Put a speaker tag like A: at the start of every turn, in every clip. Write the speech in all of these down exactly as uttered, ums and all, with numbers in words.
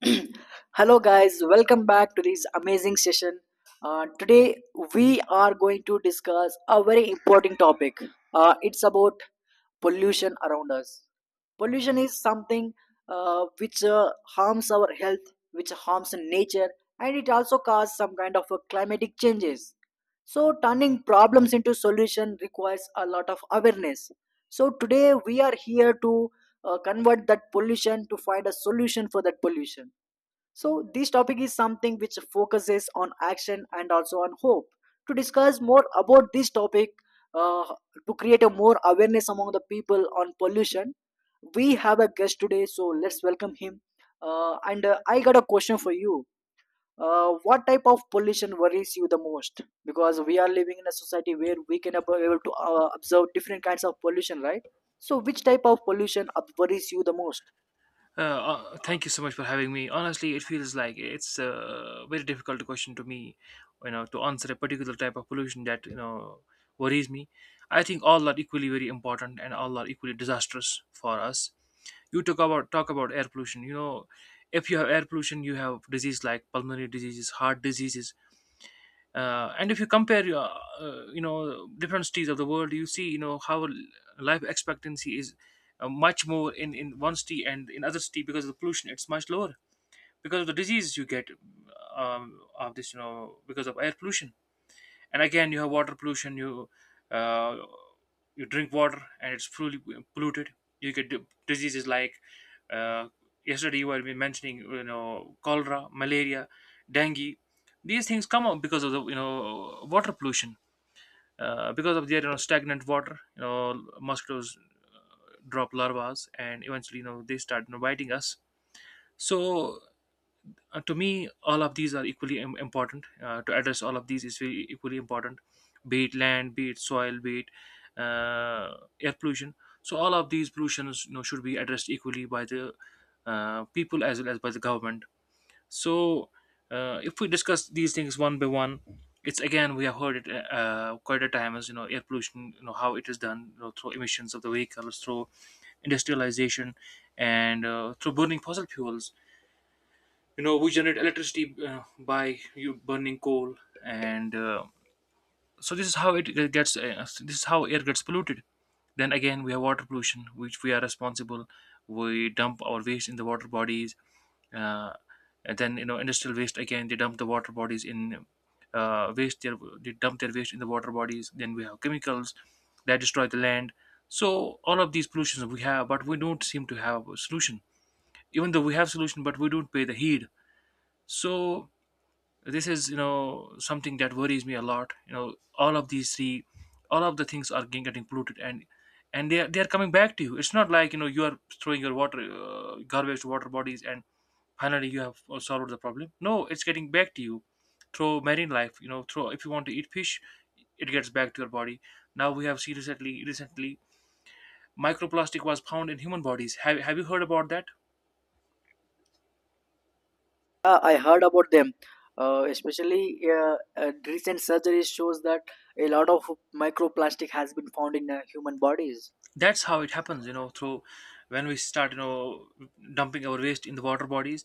A: Hello, guys, welcome back to this amazing session. Uh, today, we are going to discuss a very important topic. Uh, it's about pollution around us. Pollution is something uh, which uh, harms our health, which harms nature, and it also causes some kind of uh, climatic changes. So, turning problems into solution requires a lot of awareness. So, today we are here to uh, convert that pollution to find a solution for that pollution, so this topic is something which focuses on action and also on hope. To discuss more about this topic, uh, to create a more awareness among the people on pollution, we have a guest today. So, let's welcome him. Uh, and uh, I got a question for you. Uh, what type of pollution worries you the most? Because we are living in a society where we can ab- able to uh, observe different kinds of pollution, right? So, which type of pollution uh, worries you the most?
B: Uh, uh, thank you so much for having me. Honestly, it feels like it's a very difficult question to me, you know, to answer a particular type of pollution that you know worries me. I think all are equally very important and all are equally disastrous for us. You talk about talk about air pollution. You know, if you have air pollution, you have disease like pulmonary diseases, heart diseases, uh, and if you compare your uh, you know different cities of the world, you see you know how l- life expectancy is uh, much more in in one city and in other city, because of the pollution it's much lower because of the diseases you get, um, of this, you know, because of air pollution. And again you have water pollution. You uh, you drink water and it's fully polluted, you get d- diseases like, uh, yesterday you were mentioning you know, cholera, malaria, dengue. These things come up because of the you know water pollution, uh, because of their you know stagnant water, you know mosquitoes uh, drop larvae, and eventually you know they start you know biting us. So uh, to me, all of these are equally im- important. Uh, to address all of these is very equally important, be it land, be it soil, be it uh, air pollution. So all of these pollutions you know should be addressed equally by the uh, people as well as by the government. So uh, if we discuss these things one by one, it's again, we have heard it uh, uh, quite a time. As you know air pollution, you know how it is done, you know through emissions of the vehicles, through industrialization, and uh, through burning fossil fuels. You know we generate electricity uh, by you burning coal, and uh, so this is how it uh, gets uh, this is how air gets polluted. Then again we have water pollution, which we are responsible. We dump our waste in the water bodies, uh, and then you know industrial waste, again they dump the water bodies in, uh, waste their they dump their waste in the water bodies. Then we have chemicals that destroy the land. So all of these pollutions we have, but we don't seem to have a solution. Even though we have solution, but we don't pay the heed. So this is you know something that worries me a lot, you know all of these three, all of the things are getting getting polluted, and and they are, they are coming back to you. It's not like you know you are throwing your water uh, garbage to water bodies and finally you have uh, solved the problem. No, it's getting back to you through marine life, you know through, if you want to eat fish, it gets back to your body. Now we have seen recently recently microplastic was found in human bodies. Have, have you heard about that?
A: Yeah, I heard about them. Uh, especially, uh, uh, recent surgery shows that a lot of microplastic has been found in uh, human bodies.
B: That's how it happens, you know through, when we start you know dumping our waste in the water bodies,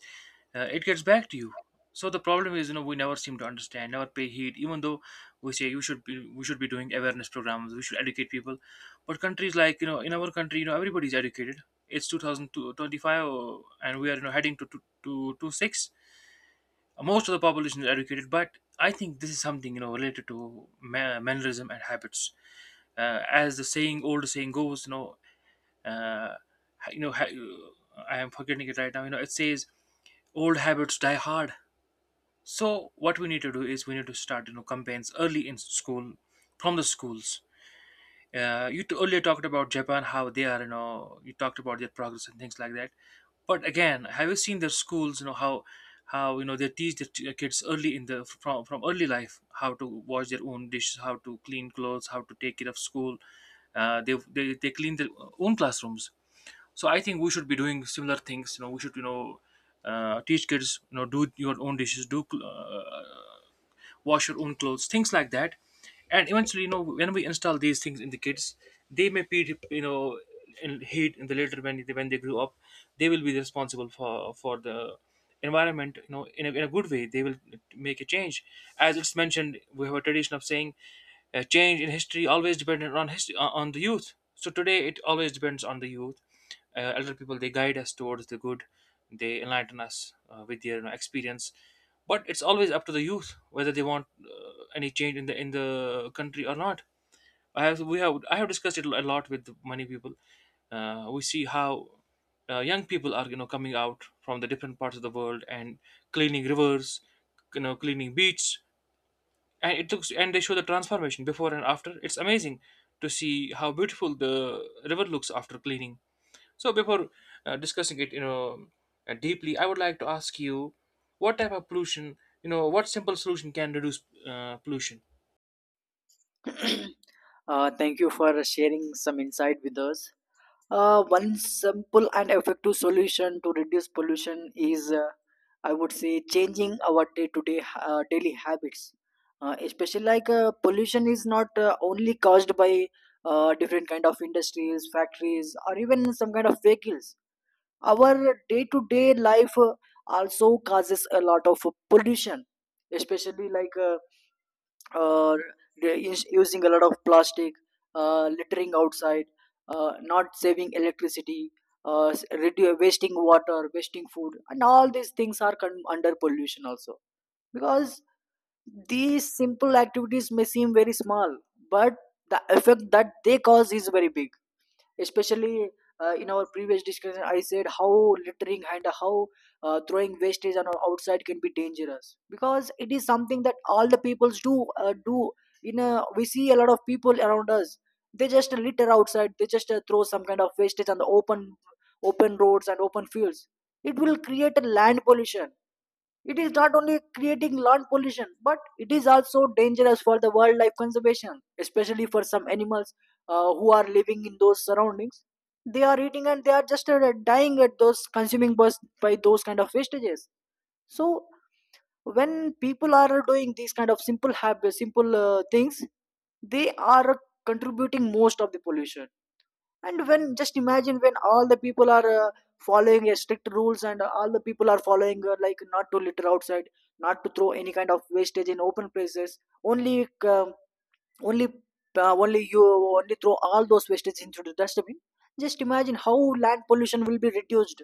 B: uh, it gets back to you. So the problem is you know we never seem to understand, never pay heed. Even though we say you should be, we should be doing awareness programs, we should educate people, but countries like you know, in our country you know everybody's educated, it's two thousand twenty-five. Uh, and we are you know heading to to to, to six. Most of the population is educated, but I think this is something you know related to ma- mannerism and habits. Uh, as the saying, old saying goes, you know, uh, you know ha- I am forgetting it right now. You know it says, old habits die hard. So what we need to do is we need to start you know campaigns early in school, from the schools. Uh, you t- earlier talked about Japan, how they are, you know, you talked about their progress and things like that. But again, have you seen their schools? You know how, how you know they teach the t- uh, kids early in the, from from early life, how to wash their own dishes, how to clean clothes, how to take care of school. Uh, they, they they clean their own classrooms. So I think we should be doing similar things. You know, we should you know uh, teach kids, you know, do your own dishes, do cl- uh, wash your own clothes, things like that. And eventually you know when we install these things in the kids, they may be you know in hate in the later, when they, when they grew up, they will be responsible for for the environment, you know in a, in a good way, they will make a change. As it's mentioned, we have a tradition of saying, uh, change in history always depended on history on the youth, so today it always depends on the youth. Uh, elder people, they guide us towards the good, they enlighten us uh, with their you know experience, but it's always up to the youth whether they want uh, any change in the in the country or not. i have we have I have discussed it a lot with many people. Uh, we see how uh, young people are you know coming out from the different parts of the world and cleaning rivers, you know cleaning beaches, and it looks, and they show the transformation before and after, it's amazing to see how beautiful the river looks after cleaning. So before uh, discussing it you know uh, deeply, I would like to ask you, what type of pollution, you know what simple solution can reduce uh, pollution.
A: uh, thank you for sharing some insight with us. Uh, one simple and effective solution to reduce pollution is, uh, I would say, changing our day-to-day uh, daily habits. Uh, especially like uh, pollution is not uh, only caused by uh, different kind of industries, factories, or even some kind of vehicles. Our day to day life uh, also causes a lot of pollution, especially like uh, uh, the us- using a lot of plastic, uh, littering outside, uh, not saving electricity, uh, s- redu- wasting water, wasting food, and all these things are con- under pollution also, because these simple activities may seem very small, but the effect that they cause is very big. Especially, uh, in our previous discussion I said how littering and how uh, throwing wastage on our outside can be dangerous, because it is something that all the peoples do uh, do in a, we see a lot of people around us. They just litter outside, they just uh, throw some kind of wastage on the open open roads and open fields. It will create a land pollution. It is not only creating land pollution, but it is also dangerous for the wildlife conservation, especially for some animals uh, who are living in those surroundings. They are eating and they are just uh, dying at those consuming bus by those kind of wastages. So when people are doing these kind of simple habits, simple uh, things, they are contributing most of the pollution. And when, just imagine when all the people are uh, following a strict rules and uh, all the people are following, uh, like not to litter outside, not to throw any kind of wastage in open places, only um only uh, only you only throw all those wastage into the dustbin. Just imagine how land pollution will be reduced.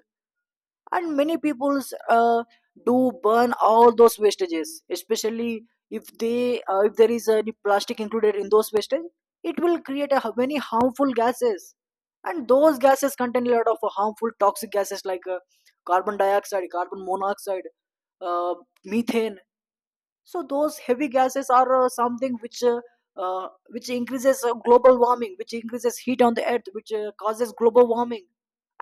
A: And many people uh, do burn all those wastages, especially if they uh, if there is any plastic included in those wastage, it will create a, many harmful gases. And those gases contain a lot of uh, harmful toxic gases like uh, carbon dioxide, carbon monoxide, uh, methane. So those heavy gases are uh, something which uh, uh, which increases uh, global warming, which increases heat on the earth, which uh, causes global warming.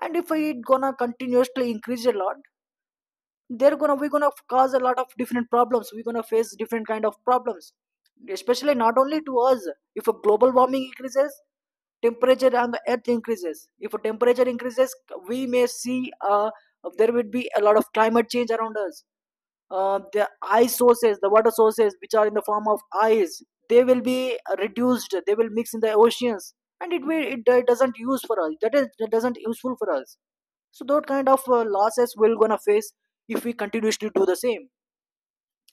A: And if it gonna continuously increase a lot, they're gonna, we're gonna cause a lot of different problems, we're gonna face different kind of problems, especially not only to us. If a global warming increases, temperature on the earth increases. If a temperature increases, we may see uh, there would be a lot of climate change around us. Uh, the ice sources, the water sources which are in the form of ice, they will be uh, reduced, they will mix in the oceans. And it will, it, it doesn't use for us, that is, that doesn't useful for us. So that kind of uh, losses we're gonna face if we continuously do the same.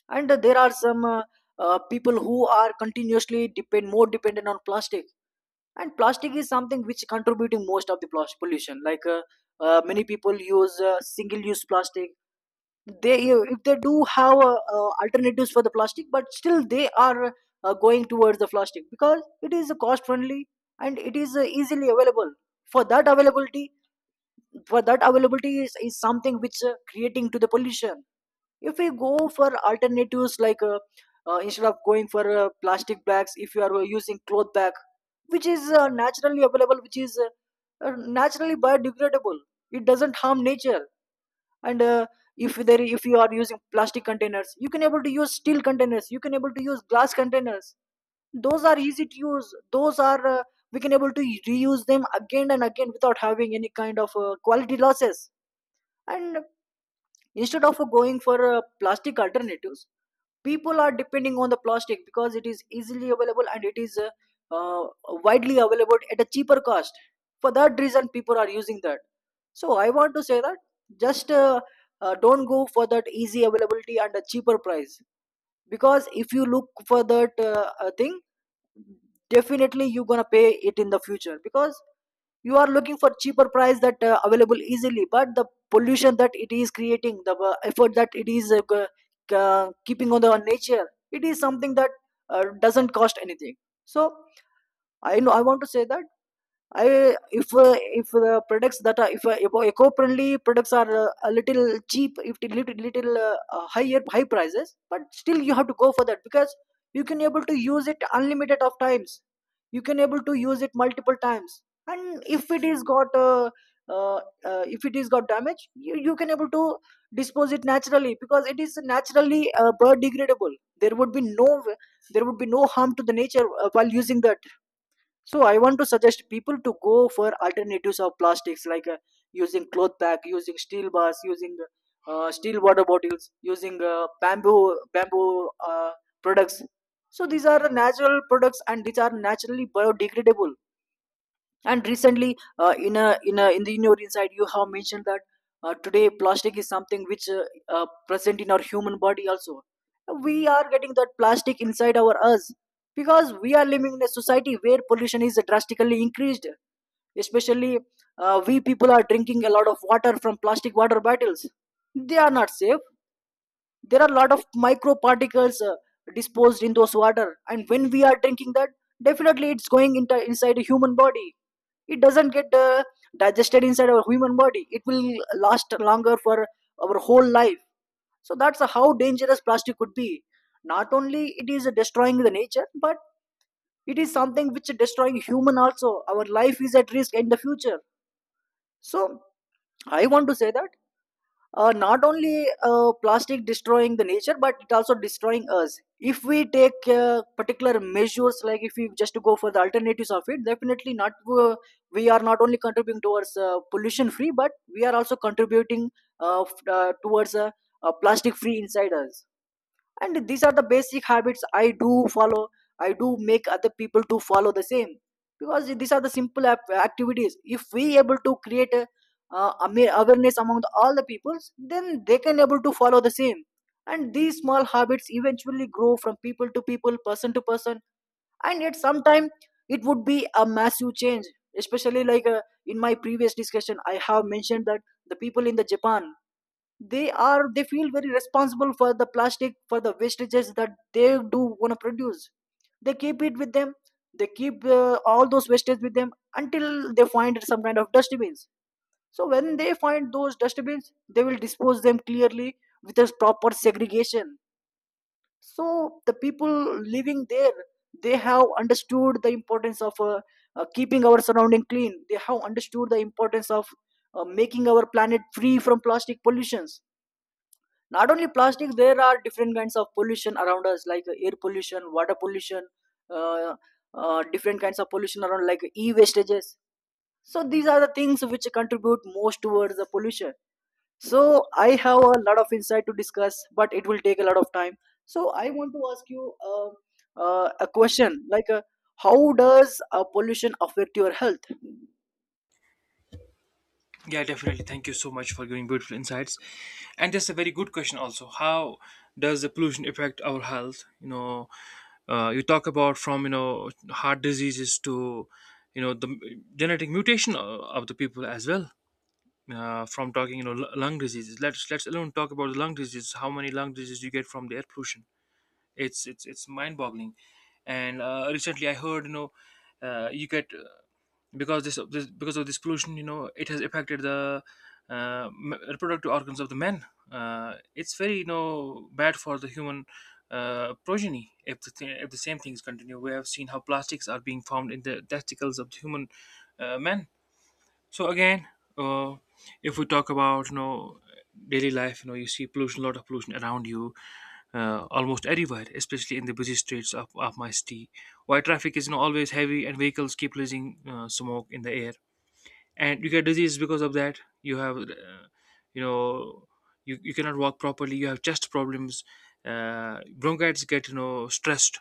A: And uh, there are some uh, uh, people who are continuously depend more dependent on plastic. And plastic is something which contributing most of the plas- pollution, like, uh, uh, many people use uh, single use plastic. They uh, if they do have uh, uh, alternatives for the plastic, but still they are uh, going towards the plastic because it is cost friendly and it is uh, easily available. For that availability for that availability is, is something which uh, creating to the pollution. If we go for alternatives, like, uh, uh, instead of going for uh, plastic bags, if you are uh, using cloth bag, which is uh, naturally available, which is uh, uh, naturally biodegradable, it doesn't harm nature. And uh, if there, if you are using plastic containers, you can able to use steel containers, you can able to use glass containers. Those are easy to use, those are uh, we can able to reuse them again and again without having any kind of uh, quality losses. And instead of going for uh, plastic alternatives, people are depending on the plastic because it is easily available and it is uh, uh, widely available at a cheaper cost. For that reason people are using that. So I want to say that, just uh, uh, don't go for that easy availability and a cheaper price, because if you look for that uh, uh, thing, definitely you're gonna pay it in the future, because you are looking for cheaper price that uh, available easily, but the pollution that it is creating, the uh, effort that it is uh, g- uh, keeping on the nature, it is something that uh, doesn't cost anything. So I know, I want to say that, I if uh, if the products that are, if uh, eco- eco-friendly products are uh, a little cheap, if it little little uh, uh, higher high prices, but still you have to go for that, because you can able to use it unlimited of times. You can able to use it multiple times, and if it is got uh, uh, uh, if it is got damage, you, you can able to dispose it naturally, because it is naturally uh, biodegradable. There would be no there would be no harm to the nature uh, while using that. So I want to suggest people to go for alternatives of plastics, like, uh, using cloth bag, using steel bars, using uh, steel water bottles, using uh, bamboo bamboo uh, products. So these are natural products and these are naturally biodegradable. And recently, uh, in a, in a in the, in your inside you have mentioned that uh, today plastic is something which uh, uh, present in our human body also. We are getting that plastic inside our us, because we are living in a society where pollution is drastically increased. Especially, uh, we people are drinking a lot of water from plastic water bottles. They are not safe. There are a lot of micro particles uh, disposed in those water, and when we are drinking that, definitely it's going into inside a human body. It doesn't get uh, digested inside our human body, it will last longer for our whole life. So that's how dangerous plastic could be. Not only it is destroying the nature, but it is something which is destroying human also. Our life is at risk in the future. So I want to say that, uh, not only uh, plastic destroying the nature, but it also destroying us. If we take uh, particular measures, like if we just go for the alternatives of it, definitely not, uh, we are not only contributing towards uh, pollution free, but we are also contributing uh, f- uh, towards a uh, plastic free inside us. And these are the basic habits I do follow. I do make other people to follow the same, because these are the simple ap- activities. If we able to create a, uh, ama- awareness among the, all the peoples, then they can able to follow the same. And these small habits eventually grow from people to people, person to person, and at some time it would be a massive change. Especially, like, uh, in my previous discussion I have mentioned that the people in the Japan, they are, they feel very responsible for the plastic, for the wastages that they do want to produce. They keep it with them. They keep uh, all those wastage with them until they find some kind of dustbins. So when they find those dustbins, they will dispose them clearly with a proper segregation. So the people living there, they have understood the importance of uh, uh, keeping our surrounding clean. They have understood the importance of uh, making our planet free from plastic pollutions. Not only plastic, there are different kinds of pollution around us, like air pollution, water pollution. uh, uh, Different kinds of pollution around like e-wastages. So these are the things which contribute most towards the pollution. So I have a lot of insight to discuss, but it will take a lot of time. So I want to ask you uh, uh, a question, like uh, how does uh, pollution affect your health?
B: Yeah, definitely. Thank you so much for giving beautiful insights. And that's a very good question, also. How does the pollution affect our health? You know, uh, you talk about, from you know heart diseases to you know the m- genetic mutation o- of the people as well. Uh, from talking you know l- lung diseases, let's let's alone talk about the lung diseases. How many lung diseases you get from the air pollution? It's it's it's mind boggling. And uh, recently I heard, you know, uh, you get, because this, this because of this pollution you know it has affected the uh, m- reproductive organs of the men. Uh, it's very you know bad for the human uh, progeny. If the, th- if the same things continue, we have seen how plastics are being found in the testicles of the human uh, men. So again, uh, if we talk about you know daily life, you know you see pollution, a lot of pollution around you, uh, almost everywhere, especially in the busy streets of, of my city, where traffic is you know always heavy, and vehicles keep releasing uh, smoke in the air, and you get disease because of that. You have, uh, you know, you, you cannot walk properly. You have chest problems. Uh, bronchitis get you know stressed.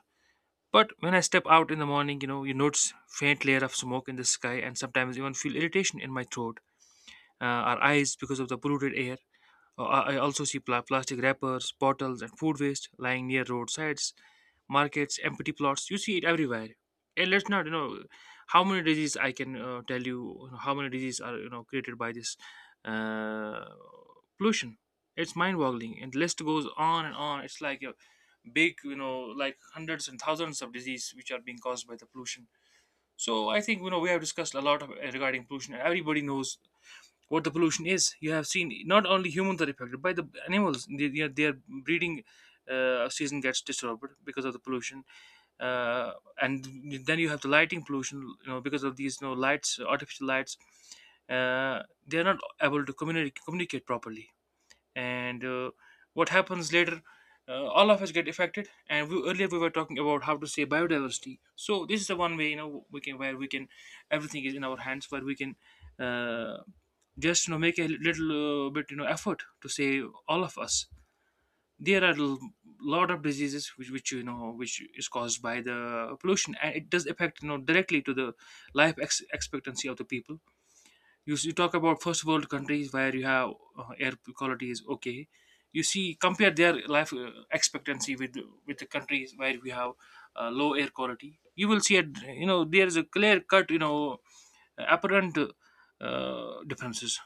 B: But when I step out in the morning, you know, you notice faint layer of smoke in the sky, and sometimes even feel irritation in my throat uh, our eyes because of the polluted air. Uh, I I also see pla- plastic wrappers, bottles, and food waste lying near roadsides, markets, empty plots. You see it everywhere. And let's not, you know, how many diseases I can uh, tell you, how many diseases are, you know, created by this uh, pollution. It's mind boggling. And list goes on and on. It's like a big, you know, like hundreds and thousands of diseases which are being caused by the pollution. So I think you know we have discussed a lot of, regarding pollution. Everybody knows what the pollution is. You have seen not only humans are affected by the animals. They, they are- their breeding uh, season gets disturbed because of the pollution, uh, and then you have the lighting pollution. You know because of these, you know, lights, artificial lights, uh, they are not able to communicate communicate properly. And uh, what happens later uh, All of us get affected, and we, earlier we were talking about how to save biodiversity, so this is the one way, you know, we can where we can. Everything is in our hands where we can uh, just, you know, make a little uh, bit, you know, effort to save all of us. there are l- Lot of diseases which, which, you know, which is caused by the pollution, and it does affect, you know, directly to the life ex- expectancy of the people. You, s- you talk about first world countries where you have uh, air quality is okay. You see, compare their life uh, expectancy with with the countries where we have uh, low air quality. You will see a, you know, there is a clear cut, you know, apparent uh, differences.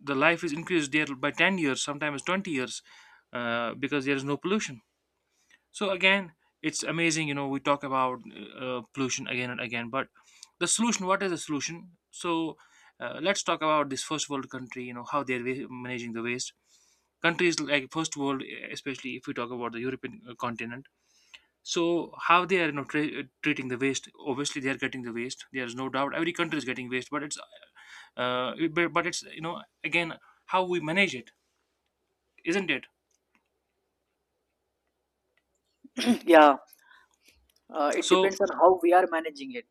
B: The life is increased there by ten years, sometimes twenty years, uh, because there is no pollution. So again, it's amazing. You know, we talk about uh, uh, pollution again and again, but the solution. What is the solution? So uh, let's talk about this first world country. You know how they're wa- managing the waste. Countries like first world, especially if we talk about the European uh, continent. So how they are, you know, tra- uh, treating the waste? Obviously, they are getting the waste. There is no doubt. Every country is getting waste, but it's uh, but but it's, you know, again, how we manage it, isn't it?
A: Yeah, uh, it
B: So
A: depends on how we are managing it.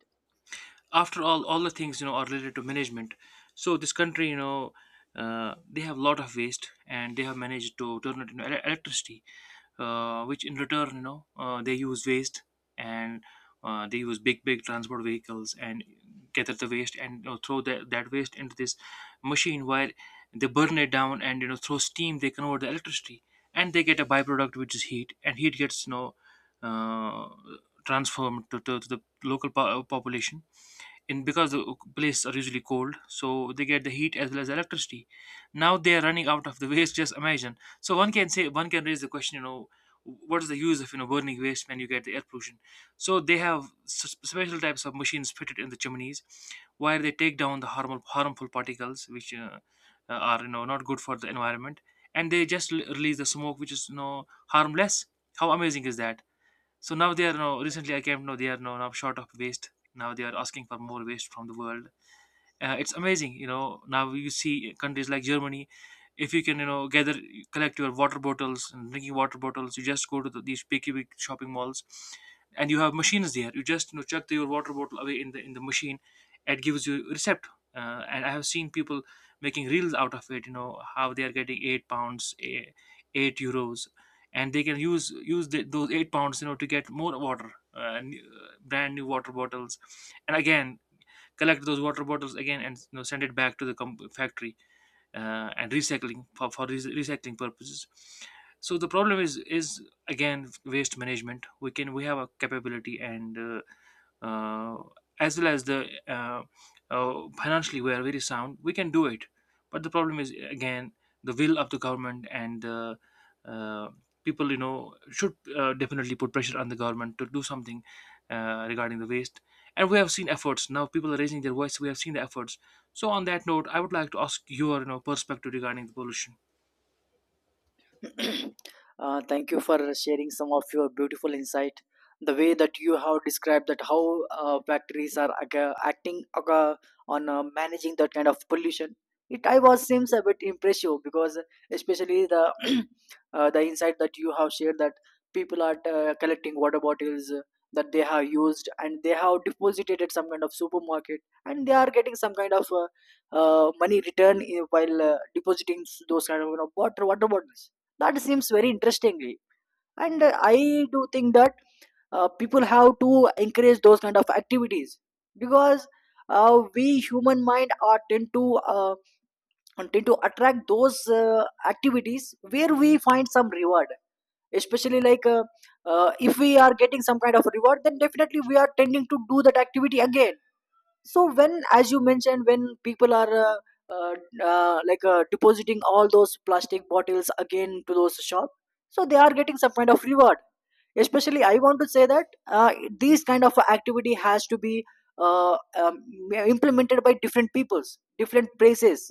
B: after all all the things, you know, are related to management. So this country, you know, uh, they have a lot of waste, and they have managed to turn it into ele- electricity, uh, which in return, you know, uh, they use waste. And uh, They use big big transport vehicles and gather the waste and, you know, throw that, that waste into this machine while they burn it down, and, you know, through steam they convert the electricity. And they get a byproduct which is heat, and heat gets, you know, uh, transformed to, to, to the local po- population, in because the places are usually cold, so they get the heat as well as electricity. Now they are running out of the waste just imagine. So one can say, one can raise the question, you know, what is the use of, you know, burning waste when you get the air pollution? So they have s- special types of machines fitted in the chimneys, where they take down the harmful harmful particles which uh, uh, are, you know, not good for the environment, and they just l- release the smoke which is, you know, harmless. How amazing is that? So now they are now recently I came to know they are now, now short of waste. Now they are asking for more waste from the world. Uh, it's amazing, you know. Now you see countries like Germany, if you can, you know, gather, collect your water bottles and drinking water bottles, you just go to the, these picky big shopping malls, and you have machines there. You just, you know, chuck the, your water bottle away in the in the machine. It gives you a receipt. Uh, and I have seen people making reels out of it, you know, how they are getting eight pounds, eh, eight euros, and they can use use the, those eight pounds, you know, to get more water uh, new- brand new water bottles. And again, collect those water bottles again, and, you know, send it back to the com- factory, uh, and recycling for, for re- recycling purposes. So the problem is is again waste management. We can, we have a capability, and uh, uh, as well as the uh, uh, financially, we are very sound. We can do it. But the problem is again the will of the government, and the uh, people, you know, should uh, definitely put pressure on the government to do something uh, regarding the waste. And we have seen efforts now. People are raising their voice. We have seen the efforts. So on that note, I would like to ask your, you know, perspective regarding the pollution.
A: uh, Thank you for sharing some of your beautiful insight. The way that you have described that how uh, factories are ag- acting ag- on uh, managing that kind of pollution, it I was seems a bit impressive because, especially, the uh, the insight that you have shared that people are uh, collecting water bottles uh, that they have used and they have deposited at some kind of supermarket, and they are getting some kind of uh, uh, money return in- while uh, depositing s- those kind of, you know, water water bottles. That seems very interestingly. And uh, I do think that uh, people have to encourage those kind of activities, because uh, we human mind are tend to uh, tend to attract those uh, activities where we find some reward. Especially, like uh, uh, if we are getting some kind of reward, then definitely we are tending to do that activity again. So when, as you mentioned, when people are uh, uh, uh, like, uh, depositing all those plastic bottles again to those shop, so they are getting some kind of reward. Especially, I want to say that uh, these kind of activity has to be uh, um, implemented by different peoples, different places.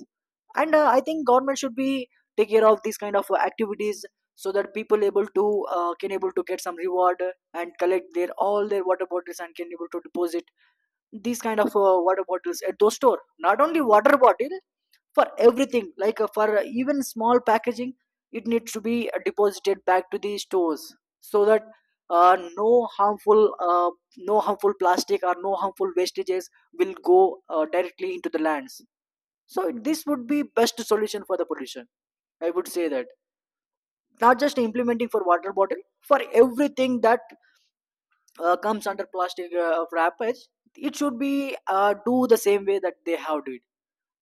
A: And uh, I think government should be take care of these kind of activities, so that people able to uh, can able to get some reward and collect their all their water bottles and can able to deposit these kind of uh, water bottles at those store. Not only water bottle, for everything, like uh, for uh, even small packaging, it needs to be uh, deposited back to the stores, so that uh, no harmful uh, no harmful plastic or no harmful wastages will go uh, directly into the lands. So this would be best solution for the pollution. I would say that not just implementing for water bottle, for everything that uh, comes under plastic uh, wrappage. It should be uh, do the same way that they have did,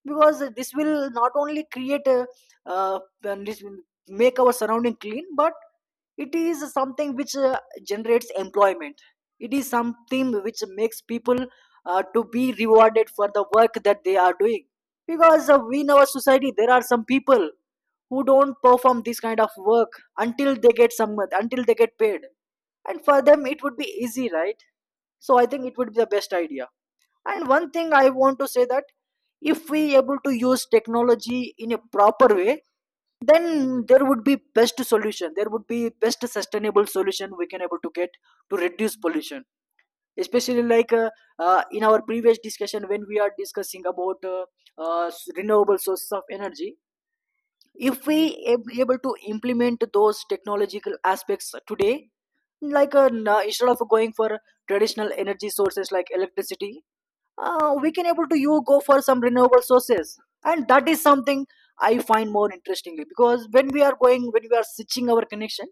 A: because this will not only create a, uh, and this will make our surrounding clean, but it is something which uh, generates employment. It is something which makes people uh, to be rewarded for the work that they are doing, because uh, in our society there are some people who don't perform this kind of work until they get some, until they get paid, and for them it would be easy, right? So I think it would be the best idea. And one thing I want to say that, if we able to use technology in a proper way, then there would be best solution, there would be best sustainable solution we can able to get to reduce pollution. Especially, like uh, uh, in our previous discussion when we are discussing about uh, uh, renewable sources of energy. If we ab- able to implement those technological aspects today, like uh, n- uh, instead of going for traditional energy sources like electricity, uh, we can able to you go for some renewable sources. And that is something I find more interestingly, because when we are going, when we are switching our connection,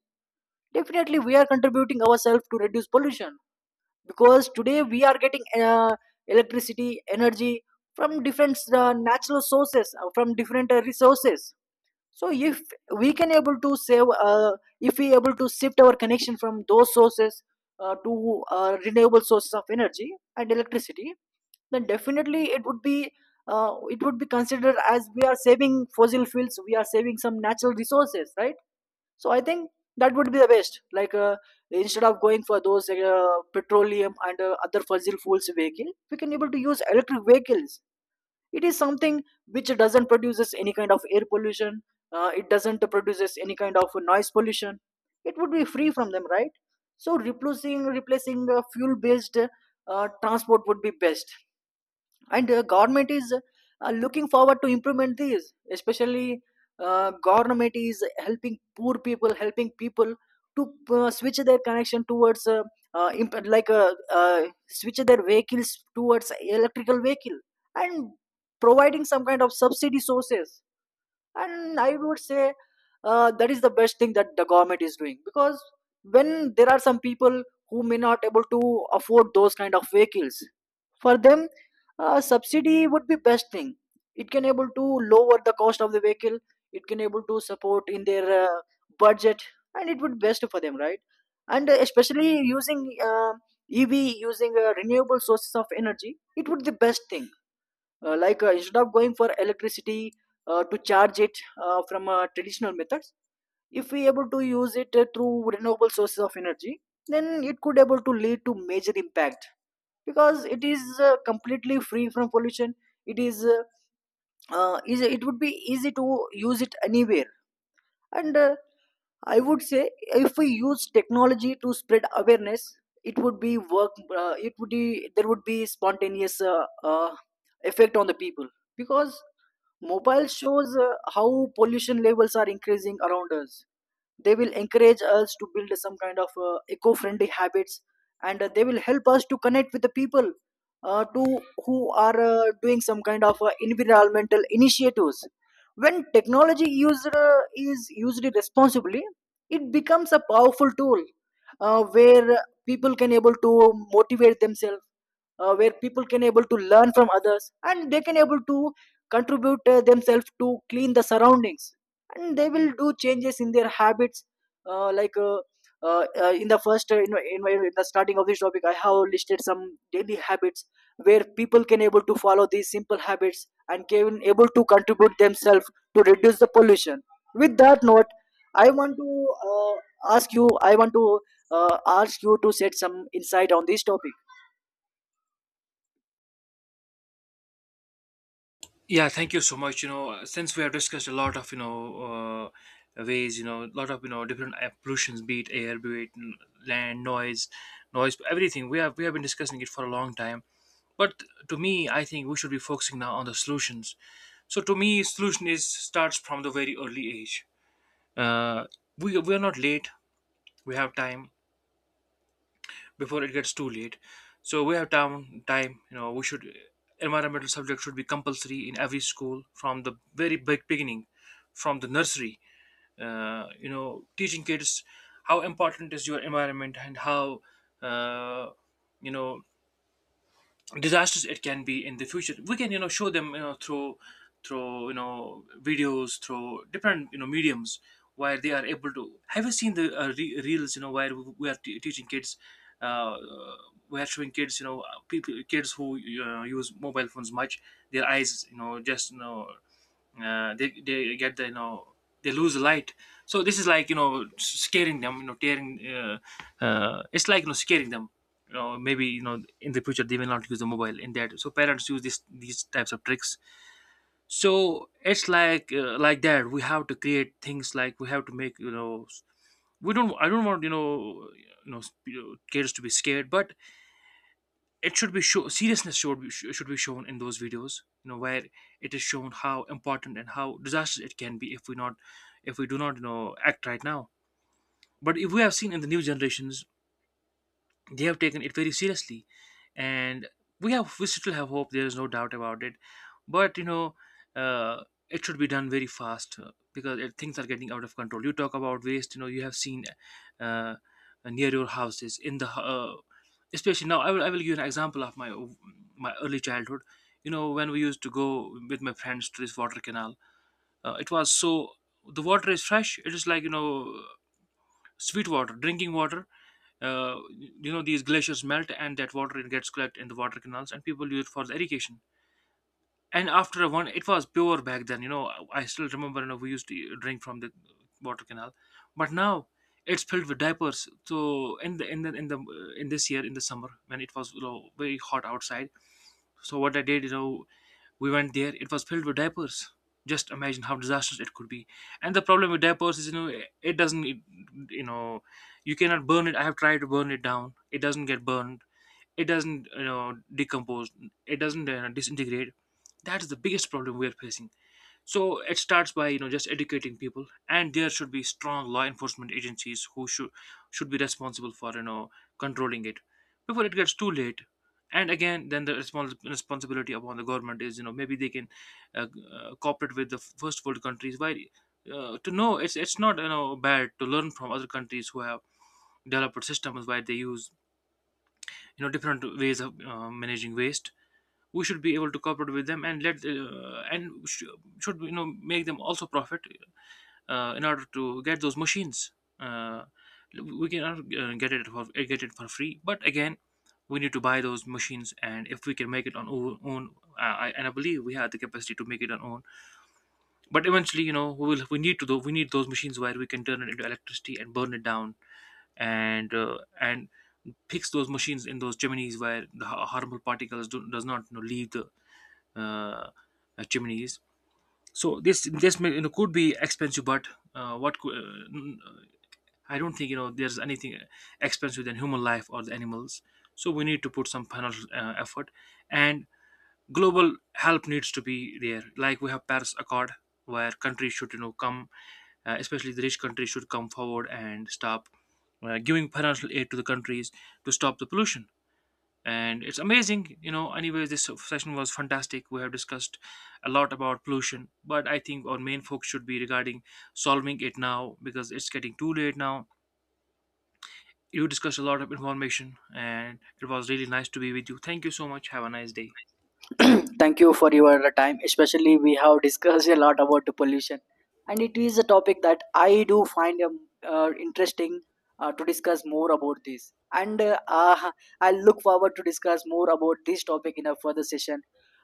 A: definitely we are contributing ourselves to reduce pollution, because today we are getting uh, electricity energy from different uh, natural sources, uh, from different uh, resources. So if we can able to save uh, if we able to shift our connection from those sources uh, to uh, renewable sources of energy and electricity, then definitely it would be uh, it would be considered as we are saving fossil fuels, we are saving some natural resources, right? So I think that would be the best, like uh, instead of going for those uh, petroleum and uh, other fossil fuels vehicle, we can able to use electric vehicles. It is something which doesn't produces any kind of air pollution, uh, it doesn't produces any kind of noise pollution. It would be free from them, right? So replacing replacing uh, fuel based uh, transport would be best. And uh, government is uh, looking forward to implement these. Especially, uh, government is helping poor people, helping people to uh, switch their connection towards uh, uh, imp- like uh, uh, switch their vehicles towards electrical vehicle, and providing some kind of subsidy sources. And I would say uh, that is the best thing that the government is doing, because when there are some people who may not able to afford those kind of vehicles, for them, uh, subsidy would be best thing. It can able to lower the cost of the vehicle. It can able to support in their uh, budget, and it would best for them, right? And uh, especially using uh, E V, using uh, renewable sources of energy, it would be the best thing. Uh, like uh, instead of going for electricity uh, to charge it uh, from uh, traditional methods, if we able to use it uh, through renewable sources of energy, then it could able to lead to major impact, because it is uh, completely free from pollution. It is uh, uh, easy, it would be easy to use it anywhere. And uh, I would say, if we use technology to spread awareness, it would be work uh, it would be there would be spontaneous uh, uh, effect on the people, because mobile shows uh, how pollution levels are increasing around us. They will encourage us to build some kind of uh, eco-friendly habits, and uh, they will help us to connect with the people uh, to who are uh, doing some kind of uh, environmental initiatives. When technology used uh, is used responsibly, it becomes a powerful tool uh, where people can able to motivate themselves, uh, where people can able to learn from others, and they can able to contribute uh, themselves to clean the surroundings, and they will do changes in their habits. Uh, like uh, uh, uh, in the first uh, in, my- in, my, in the starting of this topic, I have listed some daily habits where people can able to follow these simple habits and can able to contribute themselves to reduce the pollution. With that note, I want to uh, ask you, I want to uh, ask you to set some insight on this topic.
B: Yeah, thank you so much. You know, uh, since we have discussed a lot of, you know, uh, ways, you know, a lot of, you know, different uh, pollutions, be it air, be it n- land, noise, noise, everything. We have, we have been discussing it for a long time. But to me, I think we should be focusing now on the solutions. So to me, solution is starts from the very early age. Uh, we we are not late. We have time before it gets too late. So we have time. Time, you know, we should, environmental subject should be compulsory in every school from the very big beginning, from the nursery. Uh, you know, teaching kids how important is your environment, and how uh, you know, disastrous it can be in the future. We can, you know, show them, you know, through through, you know, videos, through different, you know, mediums where they are able to. Have you seen the uh, re- reels, you know, where we are t- teaching kids, uh, we are showing kids, you know, people, kids who uh, use mobile phones much, their eyes, you know, just, you know, uh, they, they get the, you know, they lose the light. So this is like, you know, s- scaring them, you know, tearing uh, uh, it's like, you know, scaring them. You know, maybe, you know, in the future they will not use the mobile in that, so parents use this these types of tricks. So it's like, uh, like that we have to create things, like we have to make, you know, s- we don't, I don't want, you know, you know, s- you know, kids to be scared, but it should be show, seriousness should be, should be shown in those videos, you know, where it is shown how important and how disastrous it can be if we not if we do not, you know, act right now. But if we have seen in the new generations, they have taken it very seriously. And we have we still have hope, there is no doubt about it. But you know, uh, it should be done very fast, uh, because it, things are getting out of control. You talk about waste, you know, you have seen uh, near your houses, in the h- uh, especially now, I will, I will give you an example of my my early childhood. You know, when we used to go with my friends to this water canal, uh, it was so, the water is fresh, it is like, you know, sweet water, drinking water. Uh, you know, these glaciers melt and that water, it gets collected in the water canals, and people use it for the irrigation. And after a one, it was pure back then. You know, I still remember, you know, we used to drink from the water canal. But now it's filled with diapers. So in the in the in the in this year in the summer, when it was, you know, very hot outside, so what I did, you know, we went there. It was filled with diapers. Just imagine how disastrous it could be. And the problem with diapers is, you know, it doesn't, you know, you cannot burn it. I have tried to burn it down. It doesn't get burned. It doesn't, you know, decompose. It doesn't uh, disintegrate. That is the biggest problem we are facing. So it starts by, you know, just educating people, and there should be strong law enforcement agencies who should should be responsible for, you know, controlling it before it gets too late. And again, then the respons- responsibility upon the government is, you know, maybe they can uh, uh, cooperate with the first world countries. Why uh, to know, it's it's not, you know, bad to learn from other countries who have developed systems where they use, you know, different ways of uh, managing waste. We should be able to cooperate with them and let uh, and sh- should, you know, make them also profit uh, in order to get those machines. Uh, we cannot uh, get it for get it for free, but again, we need to buy those machines, and if we can make it on our own, uh, I, and I believe we have the capacity to make it on own. But eventually, you know, we will we need to do, we need those machines where we can turn it into electricity and burn it down, and uh, and fix those machines in those chimneys where the ha- harmful particles do, does not, you know, leave the uh, uh, chimneys. So this this may, you know, could be expensive, but uh, what could, uh, I don't think, you know, there's anything expensive than human life or the animals. So we need to put some financial uh, effort, and global help needs to be there. Like we have Paris Accord, where countries should, you know, come, uh, especially the rich countries should come forward and stop uh, giving financial aid to the countries to stop the pollution. And it's amazing, you know. Anyways, this session was fantastic. We have discussed a lot about pollution, but I think our main focus should be regarding solving it now, because it's getting too late now. You discussed a lot of information, and it was really nice to be with you. Thank you so much. Have a nice day.
A: Thank you for your time. Especially, we have discussed a lot about the pollution, and it is a topic that I do find um, uh, interesting uh, to discuss more about this. And uh, uh, I look forward to discuss more about this topic in a further session.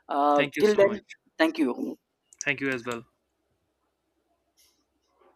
A: uh,
B: Thank you
A: Till
B: so
A: then,
B: much.
A: thank you.
B: Thank you as well.